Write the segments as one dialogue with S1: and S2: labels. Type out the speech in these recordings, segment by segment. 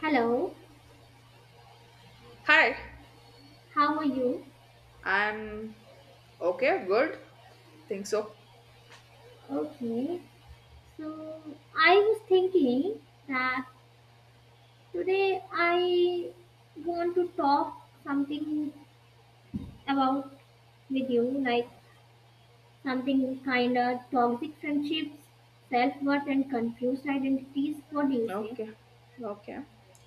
S1: Hello,
S2: Hi,
S1: how are you?
S2: I'm okay, good. Think so.
S1: Okay, so I was thinking that today I want to talk something about with you, like something kind of toxic friendships, self worth, and confused identities. What do you say?
S2: Okay, okay.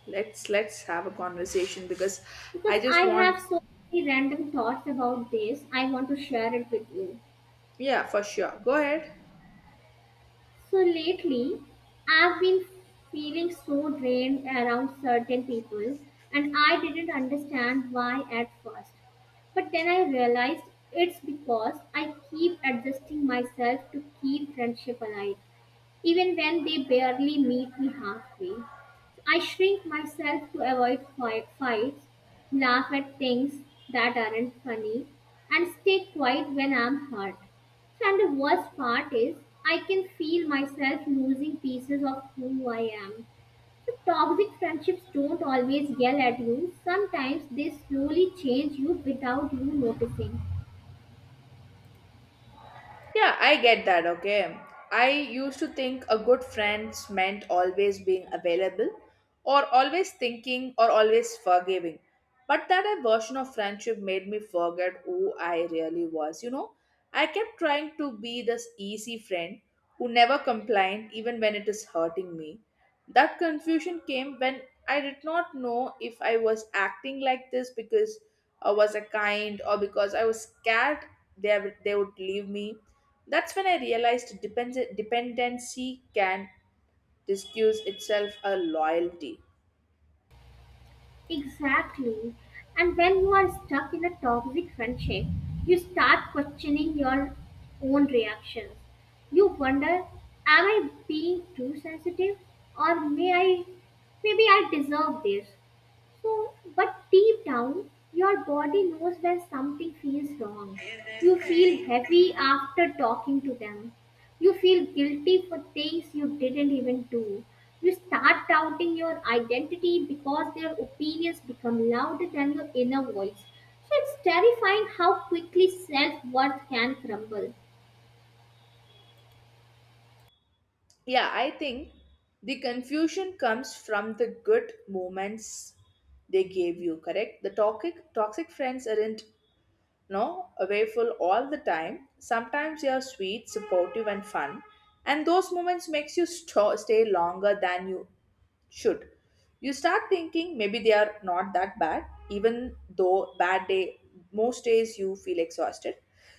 S2: Let's have a conversation because
S1: Because
S2: I
S1: I
S2: just want.
S1: have so many random thoughts about this, I want to share it with you.
S2: Yeah, for sure. Go ahead.
S1: So lately, I've been feeling so drained around certain people, and I didn't understand why at first. But then I realized it's because I keep adjusting myself to keep friendship alive even when they barely meet me halfway. I shrink myself to avoid fights, laugh at things that aren't funny, and stay quiet when I'm hurt. So, and the worst part is, I can feel myself losing pieces of who I am. So, toxic friendships don't always yell at you, sometimes they slowly change you without you noticing.
S2: Yeah, I get that, okay. I used to think a good friends meant always being available or always thinking or always forgiving. But that a version of friendship made me forget who I really was, I kept trying to be this easy friend who never complained even when it is hurting me. That confusion came when I did not know if I was acting like this because I was a kind or because I was scared they, they would leave me. That's when I realized dependency can disguise itself a loyalty.
S1: Exactly. And when you are stuck in a toxic friendship, you start questioning your own reactions. You wonder, am I being too sensitive or maybe I deserve this? So, but deep down, your body knows when something feels wrong. You feel heavy after talking to them. You feel guilty for things you didn't even do. You start doubting your identity because their opinions become louder than your inner voice. So it's terrifying how quickly self worth can crumble.
S2: Yeah, I think the confusion comes from the good moments they gave you, correct? The toxic friends aren't no, awayful all the time. Sometimes you are sweet, supportive, and fun, and those moments makes you stay longer than you should. You start thinking maybe they are not that bad, even though bad day most days you feel exhausted.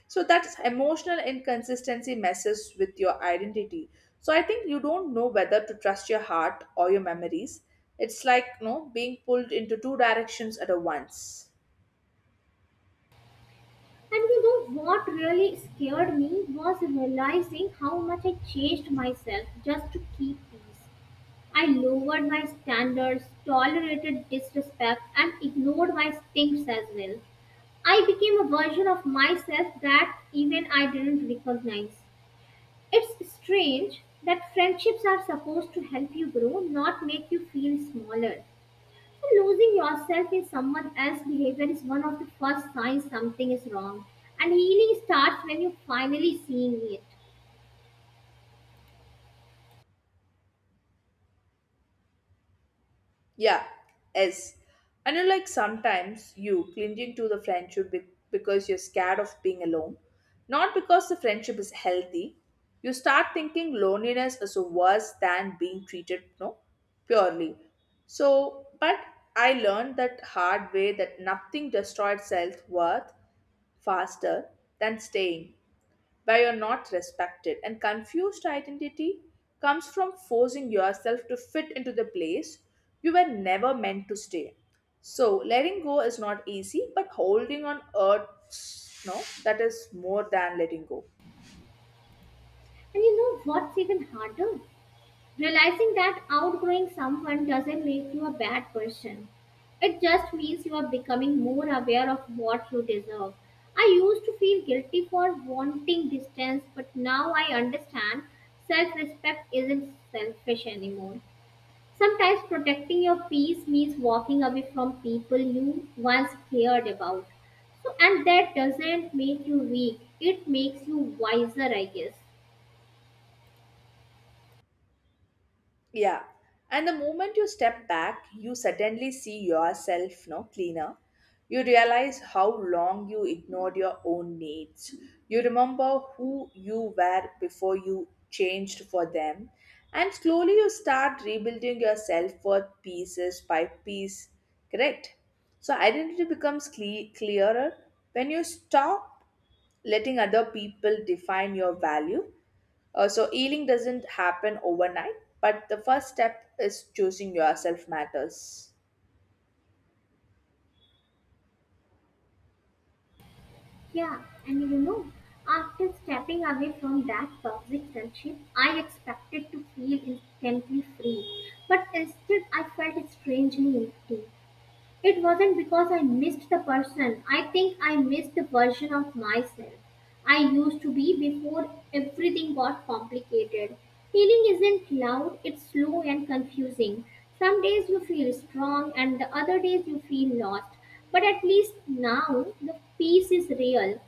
S2: So that's emotional inconsistency messes with your identity. So I think you don't know whether to trust your heart or your memories. It's like no being pulled into two directions at a once.
S1: And you know what really scared me was realizing how much I changed myself just to keep peace. I lowered my standards, tolerated disrespect, and ignored my stinks as well. I became a version of myself that even I didn't recognize. It's strange that friendships are supposed to help you grow, not make you feel smaller. So losing yourself in someone else's behavior is one of the first signs something is wrong. And healing starts when you're finally seeing it.
S2: Yeah, S. And you like sometimes you clinging to the friendship because you're scared of being alone, not because the friendship is healthy. You start thinking loneliness is worse than being treated, no, purely. So, but I learned that hard way that nothing destroyed self worth faster than staying where you're not respected. And confused identity comes from forcing yourself to fit into the place you were never meant to stay. So letting go is not easy, but holding on hurts, no, that is more than letting go.
S1: And you know what's even harder? Realizing that outgrowing someone doesn't make you a bad person. It just means you are becoming more aware of what you deserve. I used to feel guilty for wanting distance, but now I understand self respect isn't selfish anymore. Sometimes protecting your peace means walking away from people you once cared about. So, and that doesn't make you weak, it makes you wiser, I guess.
S2: Yeah. And the moment you step back, you suddenly see yourself no cleaner. You realize how long you ignored your own needs. You remember who you were before you changed for them. And slowly you start rebuilding your self worth pieces by piece. Correct? So identity becomes clearer when you stop letting other people define your value, so healing doesn't happen overnight, but the first step is choosing yourself matters.
S1: Yeah, and you know, after stepping away from that toxic friendship, I expected to feel instantly free, but instead I felt strangely empty. It wasn't because I missed the person. I think I missed the version of myself I used to be before everything got complicated. Healing isn't loud, it's slow and confusing. Some days you feel strong and the other days you feel lost. But at least now the peace is real.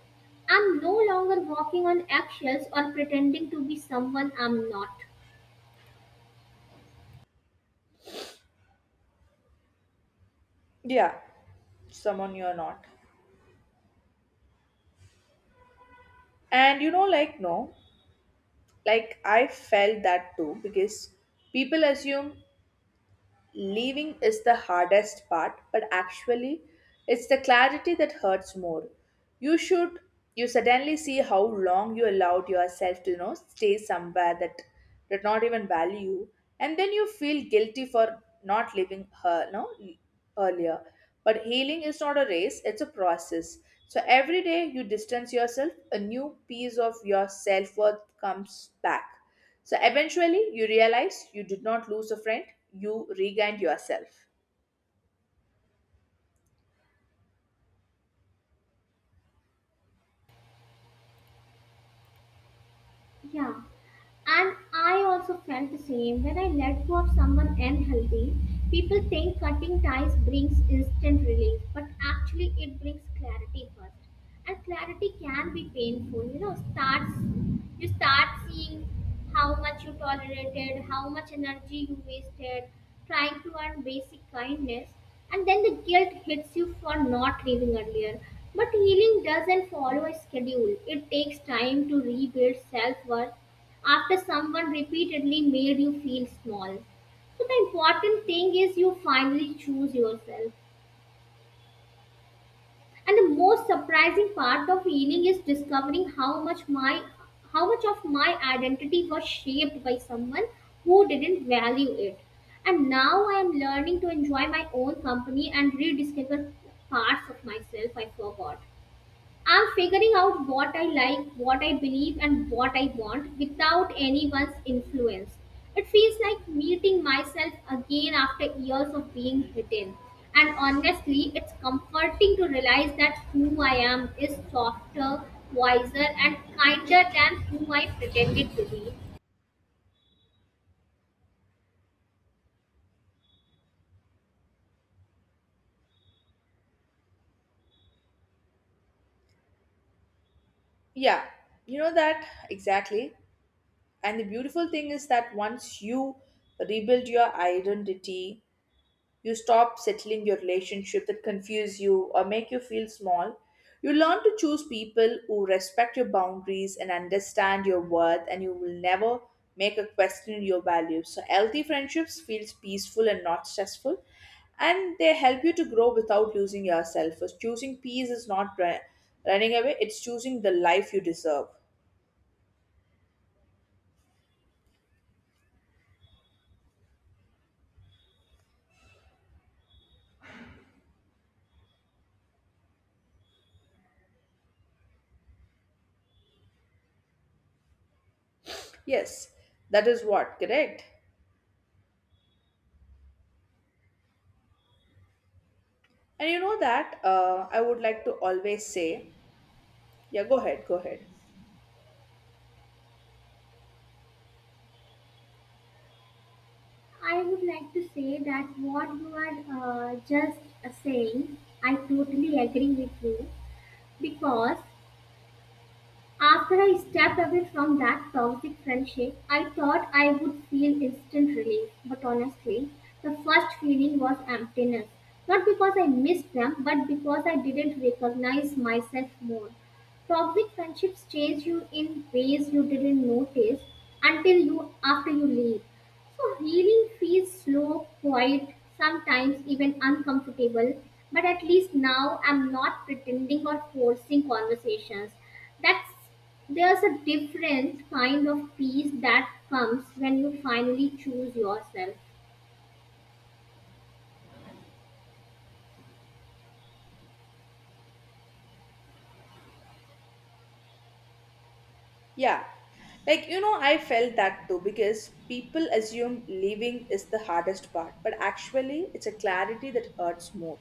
S1: I'm no longer walking on eggshells or pretending to be someone I'm not.
S2: Yeah, someone you're not. And you know, like, no, like I felt that too because people assume leaving is the hardest part, but actually, it's the clarity that hurts more. You should, you suddenly see how long you allowed yourself to, stay somewhere that did not even value you, and then you feel guilty for not leaving her, no, earlier. But healing is not a race, it's a process. So every day you distance yourself, a new piece of your self worth comes back. So eventually, you realize you did not lose a friend, you regained yourself.
S1: Yeah. And I also felt the same when I let go of someone unhealthy. People think cutting ties brings instant relief, but actually it brings clarity first. And clarity can be painful. You know, starts you start seeing how much you tolerated, how much energy you wasted, trying to earn basic kindness, and then the guilt hits you for not leaving earlier. But healing doesn't follow a schedule. It takes time to rebuild self worth after someone repeatedly made you feel small. So the important thing is you finally choose yourself. And the most surprising part of healing is discovering how much of my identity was shaped by someone who didn't value it. And now I am learning to enjoy my own company and rediscover parts of myself I forgot. I'm figuring out what I like, what I believe, and what I want without anyone's influence. It feels like meeting myself again after years of being hidden. And honestly, it's comforting to realize that who I am is softer, wiser, and kinder than who I pretended to be.
S2: Yeah, you know that exactly. And the beautiful thing is that once you rebuild your identity, you stop settling your relationship that confuse you or make you feel small. You learn to choose people who respect your boundaries and understand your worth, and you will never make a question your values. So, healthy friendships feels peaceful and not stressful, and they help you to grow without losing yourself. So choosing peace is not running away; it's choosing the life you deserve. Yes, that is what correct. And you know that I would like to always say, yeah, go ahead, go ahead.
S1: I would like to say that what you are just saying, I totally agree with you because after I stepped away from that toxic friendship, I thought I would feel instant relief, but honestly, the first feeling was emptiness. Not because I missed them, but because I didn't recognize myself more. Toxic friendships change you in ways you didn't notice until you after you leave. So healing feels slow, quiet, sometimes even uncomfortable, but at least now I'm not pretending or forcing conversations. That's There's a different kind of peace that comes when you finally choose yourself.
S2: Yeah. Like, you know, I felt that too because people assume leaving is the hardest part, but actually, it's a clarity that hurts more.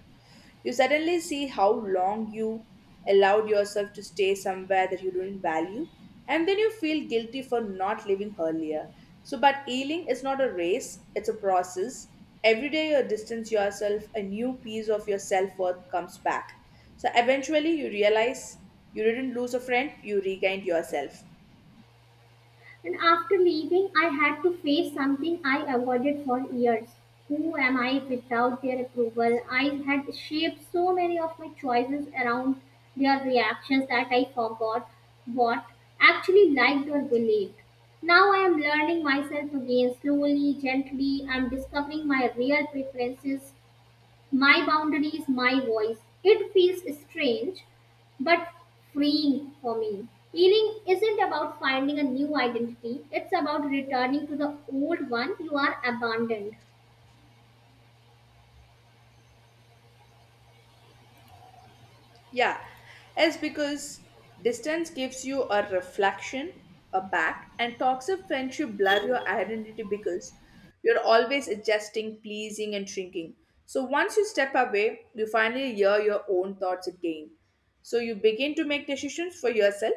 S2: You suddenly see how long you allowed yourself to stay somewhere that you didn't value, and then you feel guilty for not leaving earlier. So, but healing is not a race, it's a process. Every day you distance yourself, a new piece of your self worth comes back. So, eventually, you realize you didn't lose a friend, you regained yourself.
S1: And after leaving, I had to face something I avoided for years. Who am I without their approval? I had shaped so many of my choices around their reactions that I forgot what actually liked or believed. Now I am learning myself again slowly, gently. I'm discovering my real preferences my boundaries, my voice. It feels strange but freeing for me. Healing isn't about finding a new identity, it's about returning to the old one you are abandoned.
S2: Yeah, it's because distance gives you a reflection, a back, and toxic friendship blur your identity because you're always adjusting, pleasing, and shrinking. So once you step away, you finally hear your own thoughts again. So you begin to make decisions for yourself,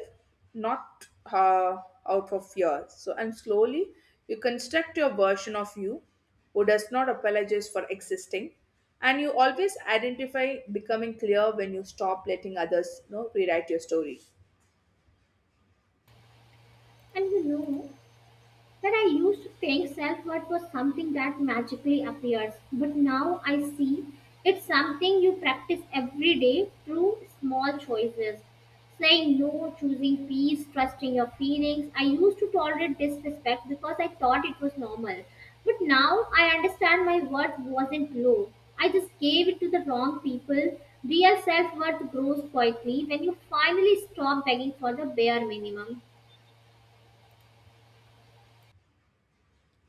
S2: not uh, out of fear. So and slowly you construct your version of you, who does not apologize for existing and you always identify becoming clear when you stop letting others rewrite your story.
S1: And you know, that I used to think self worth was something that magically appears, but now I see it's something you practice every day through small choices. Saying no, choosing peace, trusting your feelings. I used to tolerate disrespect because I thought it was normal. But now I understand my worth wasn't low. I just gave it to the wrong people. Real self worth grows quietly when you finally stop begging for the bare minimum.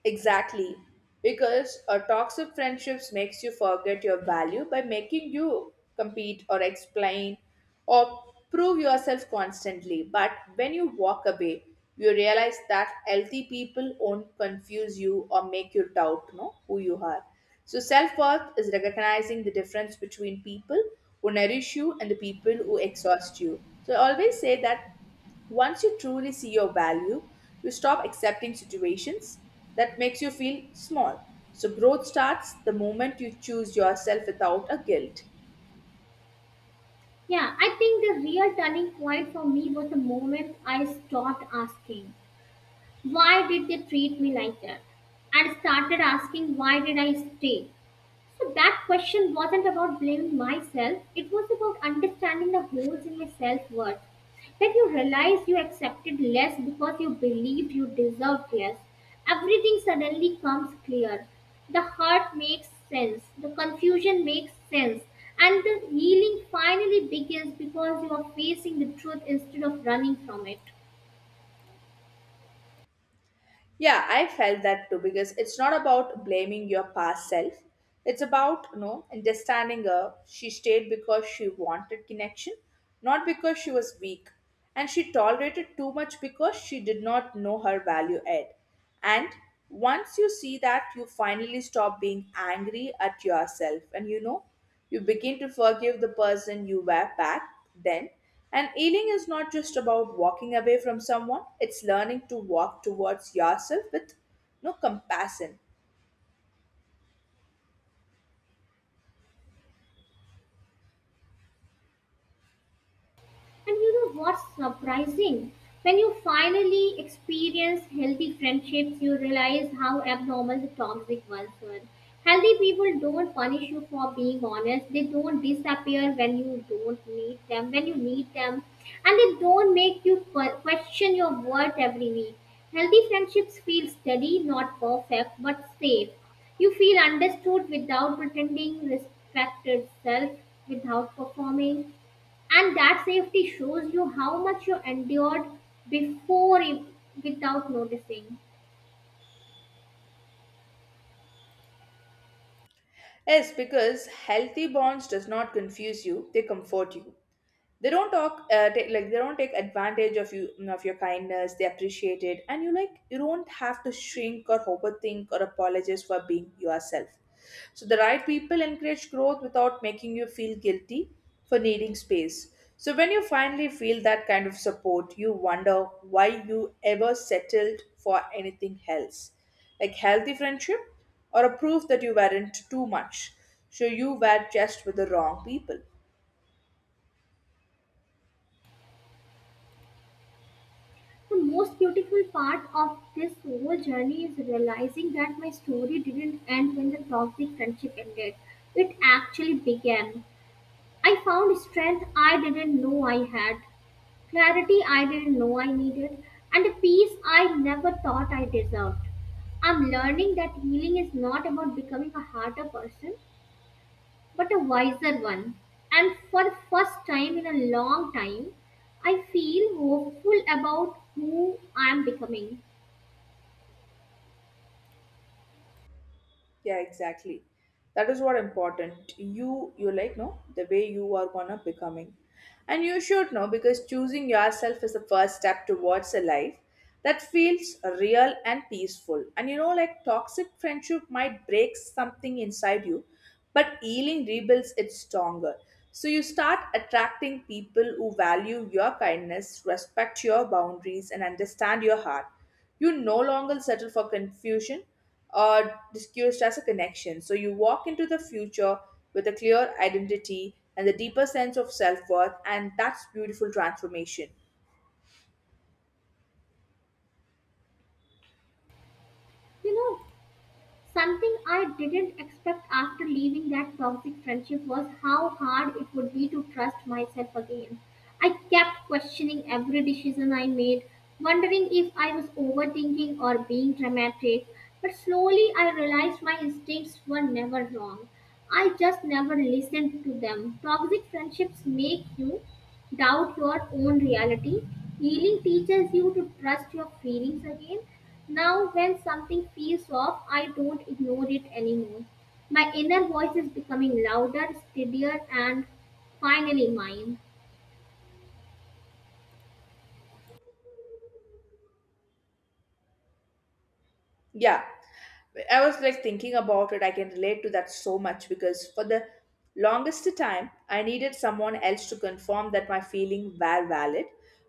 S2: Exactly. Because a toxic friendships makes you forget your value by making you compete or explain or prove yourself constantly. But when you walk away, you realize that healthy people won't confuse you or make you doubt no, who you are. So self-worth is recognizing the difference between people who nourish you and the people who exhaust you. So I always say that once you truly see your value, you stop accepting situations that makes you feel small. So growth starts the moment you choose yourself without a guilt.
S1: Yeah, I think the real turning point for me was the moment I stopped asking, why did they treat me like that? And started asking, why did I stay? So that question wasn't about blaming myself, it was about understanding the holes in my self worth. When you realize you accepted less because you believed you deserved less, everything suddenly comes clear. The hurt makes sense, the confusion makes sense, and the healing finally begins because you are facing the truth instead of running from it.
S2: Yeah, I felt that too because it's not about blaming your past self. It's about, understanding her. She stayed because she wanted connection, not because she was weak. And she tolerated too much because she did not know her value add. And once you see that, you finally stop being angry at yourself. And you begin to forgive the person you were back then. And healing is not just about walking away from someone, it's learning to walk towards yourself with no compassion.
S1: And you know what's surprising? When you finally experience healthy friendships, you realize how abnormal the toxic ones were. Healthy people don't punish you for being honest. They don't disappear when you don't need them, when you need them. And they don't make you question your worth every week. Healthy friendships feel steady, not perfect, but safe. You feel understood without pretending, respect yourself without performing and that safety shows you how much you endured before you, without noticing.
S2: Yes, because healthy bonds does not confuse you, they comfort you. They don't talk take, like they don't take advantage of you of your kindness, they appreciate it, and you like you don't have to shrink or overthink or apologize for being yourself. So the right people encourage growth without making you feel guilty for needing space. So when you finally feel that kind of support you wonder why you ever settled for anything else. Like healthy friendship or a proof that you weren't too much, so you were just with the wrong people.
S1: The most beautiful part of this whole journey is realizing that my story didn't end when the toxic friendship ended. It actually began. I found strength I didn't know I had, clarity I didn't know I needed, and a peace I never thought I deserved. I'm learning that healing is not about becoming a harder person, but a wiser one. And for the first time in a long time, I feel hopeful about who I am becoming.
S2: Yeah, exactly. That is what important. You like no the way you are gonna becoming, and you should know because choosing yourself is the first step towards a life that feels real and peaceful. And you know, like toxic friendship might break something inside you, but healing rebuilds it stronger. So you start attracting people who value your kindness, respect your boundaries, and understand your heart. You no longer settle for confusion or discussed as a connection. So you walk into the future with a clear identity and the deeper sense of self worth, and that's beautiful transformation.
S1: You know, something I didn't expect after leaving that toxic friendship was how hard it would be to trust myself again. I kept questioning every decision I made, wondering if I was overthinking or being dramatic. But slowly I realized my instincts were never wrong. I just never listened to them. Toxic friendships make you doubt your own reality. Healing teaches you to trust your feelings again now, when something feels off, I don't ignore it anymore. My inner voice is becoming louder, steadier, and finally mine.
S2: Yeah, I was like thinking about it. I can relate to that so much because for the longest time, I needed someone else to confirm that my feelings were valid.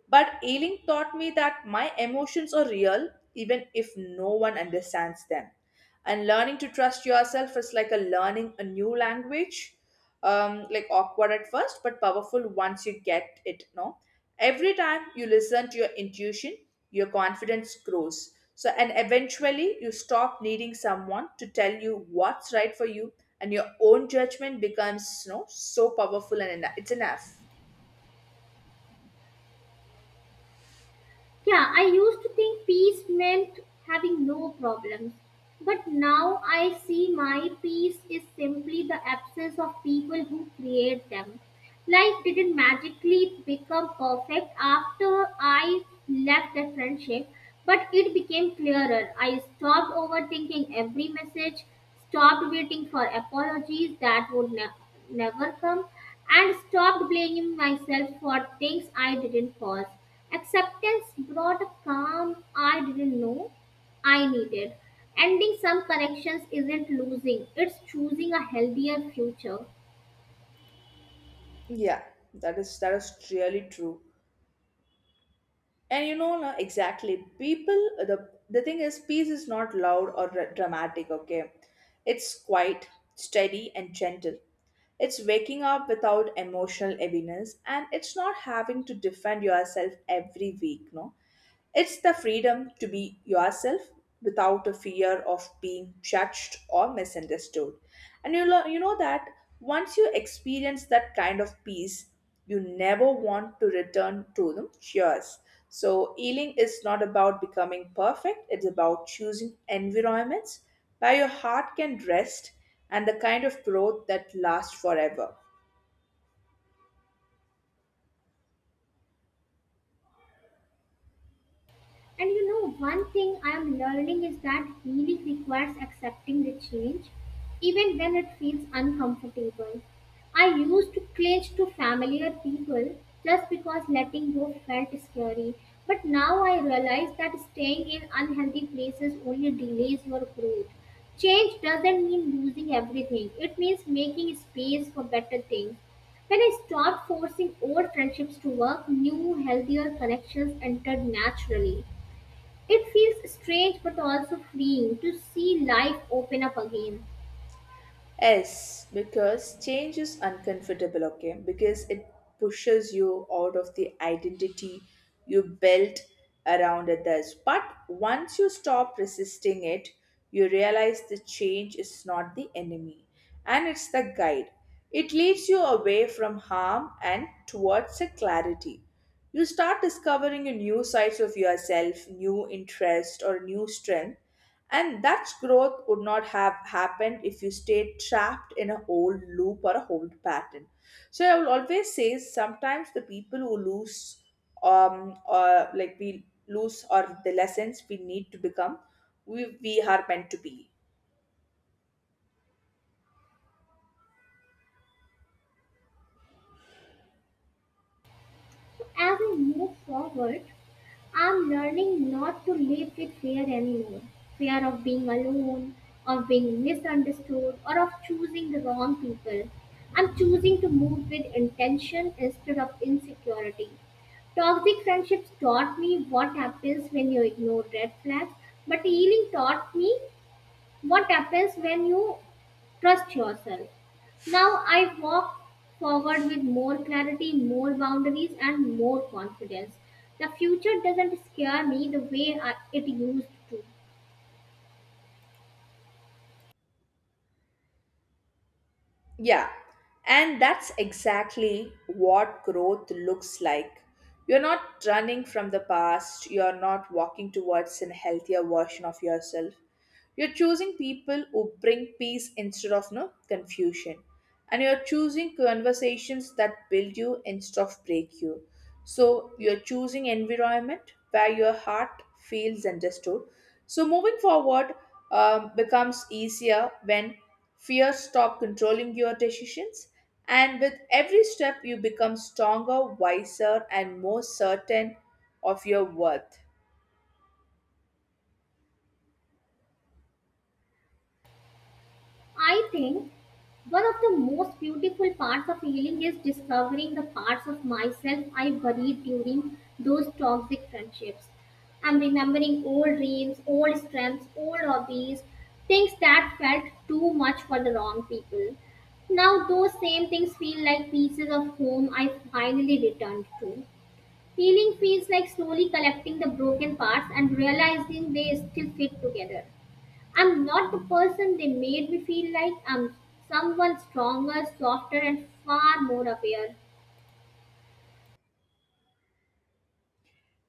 S2: But Ailing taught me that my emotions are real, even if no one understands them. And learning to trust yourself is like a learning a new language. Like awkward at first, but powerful once you get it. No, every time you listen to your intuition, your confidence grows. So, and eventually you stop needing someone to tell you what's right for you, and your own judgment becomes, so powerful and it's enough.
S1: Yeah, I used to think peace meant having no problems. But now I see my peace is simply the absence of people who create them. Life didn't magically become perfect after I left the friendship, but it became clearer. I stopped overthinking every message stopped waiting for apologies that would never come, and stopped blaming myself for things I didn't cause. Acceptance brought a calm I didn't know I needed. Ending some connections isn't losing, it's choosing a healthier future.
S2: Yeah, that is really true. And you know, no, exactly. People, the thing is, peace is not loud or dramatic. Okay, it's quiet, steady, and gentle. It's waking up without emotional heaviness, and it's not having to defend yourself every week. No, it's the freedom to be yourself without a fear of being judged or misunderstood. And you, you know that once you experience that kind of peace, you never want to return to them. Cheers. So, healing is not about becoming perfect, it's about choosing environments where your heart can rest and the kind of growth that lasts forever.
S1: And you know, one thing I am learning is that healing requires accepting the change, even when it feels uncomfortable. I used to cling to familiar people just because letting go felt scary. But now I realize that staying in unhealthy places only delays your growth. Change doesn't mean losing everything, it means making space for better things. When I stopped forcing old friendships to work, new, healthier connections entered naturally. It feels strange but also freeing to see life open up again.
S2: Yes, because change is uncomfortable, okay? Because it pushes you out of the identity you built around others. But once you stop resisting it, you realize the change is not the enemy and it's the guide. It leads you away from harm and towards a clarity. You start discovering a new sides of yourself, new interest, or new strength, and that growth would not have happened if you stayed trapped in an old loop or a old pattern. So I will always say sometimes the people who lose, or like we lose, or the lessons we need to become, we are meant to be.
S1: As I move forward, I'm learning not to live with fear anymore. Fear of being alone, of being misunderstood, or of choosing the wrong people. I'm choosing to move with intention instead of insecurity. Toxic friendships taught me what happens when you ignore red flags, but healing taught me what happens when you trust yourself. Now I walk forward with more clarity, more boundaries, and more confidence. The future doesn't scare me the way it used to.
S2: Yeah. And that's exactly what growth looks like. You're not running from the past, you're not walking towards an healthier version of yourself. You're choosing people who bring peace instead of no confusion. And you're choosing conversations that build you instead of break you. So you're choosing environment where your heart feels understood. So moving forward becomes easier when fears stop controlling your decisions. And with every step, you become stronger, wiser, and more certain of your worth.
S1: I think one of the most beautiful parts of healing is discovering the parts of myself I buried during those toxic friendships. I'm remembering old dreams, old strengths, old hobbies, things that felt too much for the wrong people. Now, those same things feel like pieces of home I finally returned to. Healing feels like slowly collecting the broken parts and realizing they still fit together. I'm not the person they made me feel like. I'm someone stronger, softer, and far more aware.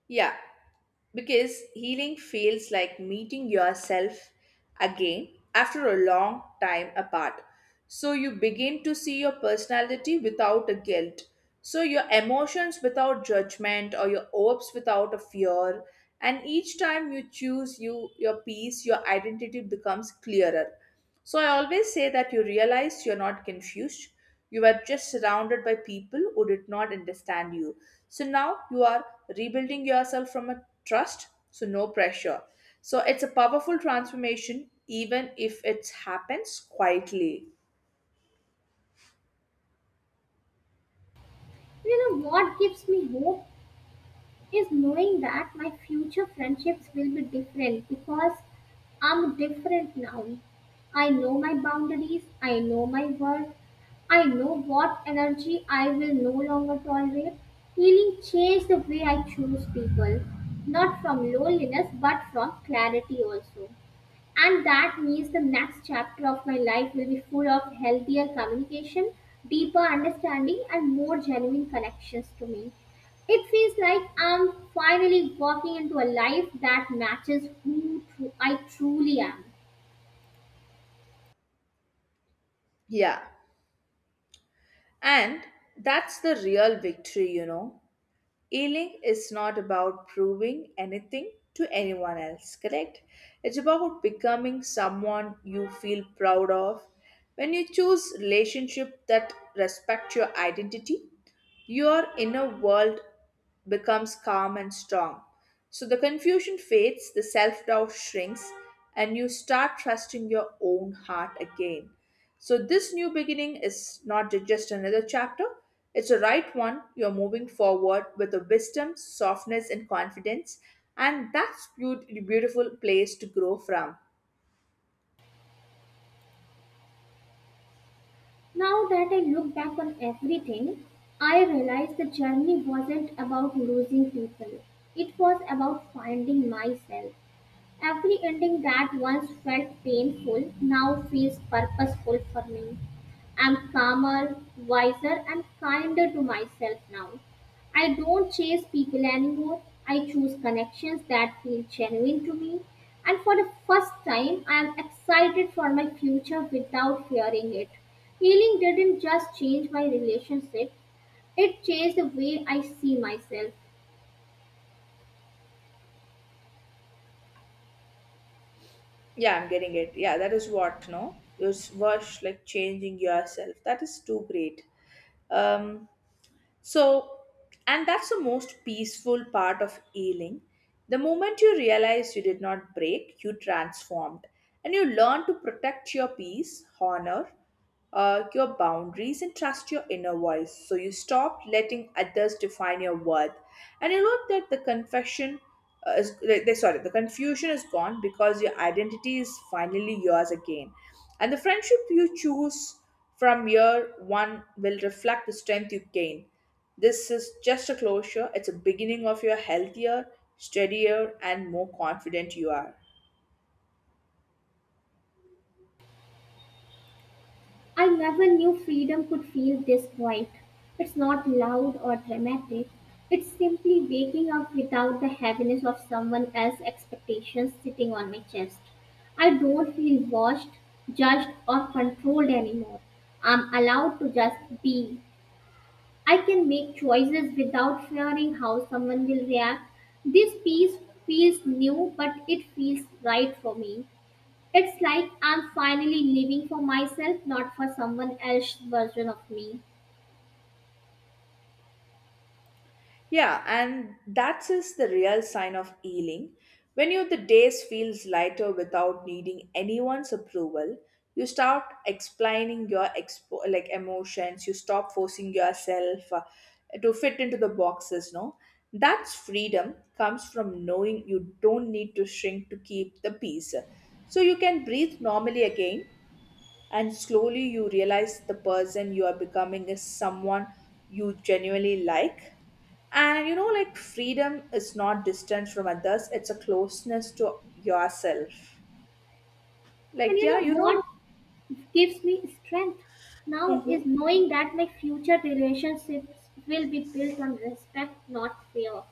S2: Yeah. Because healing feels like meeting yourself again after a long time apart. So you begin to see your personality without a guilt. So your emotions without judgment or your hopes without a fear. And each time you choose your peace, your identity becomes clearer. So I always say that you realize you're not confused. You were just surrounded by people who did not understand you. So now you are rebuilding yourself from a trust, so no pressure. So it's a powerful transformation, even if it happens quietly.
S1: You know what gives me hope? Is knowing that my future friendships will be different because I'm different now. I know my boundaries, I know my worth, I know what energy I will no longer tolerate. Healing changed the way I choose people, not from loneliness but from clarity also. And that means the next chapter of my life will be full of healthier communication, deeper understanding, and more genuine connections to me. It feels like I'm finally walking into a life that matches who I truly am.
S2: Yeah. And that's the real victory, you know. Healing is not about proving anything to anyone else, correct? It's about becoming someone you feel proud of. When you choose relationship that respect your identity, your inner world becomes calm and strong. So the confusion fades, the self doubt shrinks, and you start trusting your own heart again. So, this new beginning is not just another chapter, it's a right one. You're moving forward with a wisdom, softness, and confidence, and that's beautiful place to grow from.
S1: Now that I look back on everything, I realize the journey wasn't about losing people, it was about finding myself. Every ending that once felt painful now feels purposeful for me. I'm calmer, wiser, and kinder to myself now. I don't chase people anymore. I choose connections that feel genuine to me. And for the first time, I am excited for my future without fearing it. Healing didn't just change my relationship, it changed the way I see myself.
S2: Yeah, I'm getting it. Yeah, that is what, no? It's worth like changing yourself. That is too great. Um, so, and that's the most peaceful part of healing. The moment you realize you did not break, you transformed and you learn to protect your peace, honor, your boundaries and trust your inner voice. So you stop letting others define your worth, and you know that the confession is sorry, the confusion is gone because your identity is finally yours again, and the friendship you choose from year one will reflect the strength you gain. This is just a closure; it's a beginning of your healthier, steadier, and more confident you are.
S1: I never knew freedom could feel this quiet. It's not loud or dramatic. It's simply waking up without the heaviness of someone else's expectations sitting on my chest. I don't feel watched, judged, or controlled anymore. I'm allowed to just be. I can make choices without fearing how someone will react. This piece feels new, but it feels right for me. It's like I'm finally living for myself, not for someone else's version of me.
S2: Yeah, and that is the real sign of healing. When you the days feels lighter without needing anyone's approval, you start explaining your like emotions. You stop forcing yourself to fit into the boxes. No, that's freedom comes from knowing you don't need to shrink to keep the peace. So you can breathe normally again and slowly you realize the person you are becoming is someone you genuinely like. And you know, like freedom is not distance from others, it's a closeness to yourself.
S1: And
S2: Like,
S1: you
S2: yeah,
S1: know
S2: you know,
S1: what gives me strength now
S2: mhm.
S1: is knowing that my future relationships will be built on respect, not fear.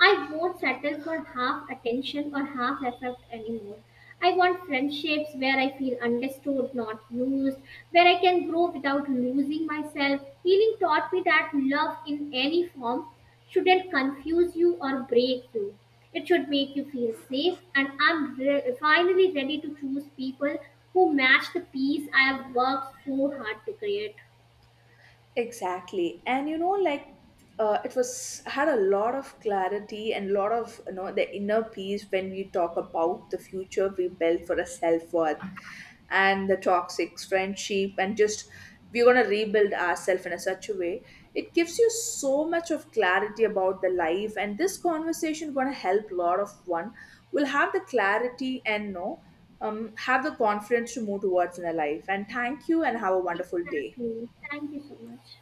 S1: I won't settle for half attention or half effort anymore. I want friendships where I feel understood, not used, where I can grow without losing myself. Healing taught me that love in any form shouldn't confuse you or break you. It should make you feel safe, and I'm finally ready to choose people who match the peace I have worked so hard to create.
S2: Exactly. And you know, like it was had a lot of clarity and a lot of the inner peace when we talk about the future we built for a self worth and the toxic friendship and just we're gonna rebuild ourselves in a such a way. It gives you so much of clarity about the life and this conversation gonna help a lot of one will have the clarity and know, have the confidence to move towards in their life. And thank you and have a wonderful day.
S1: Exactly. Thank you so much.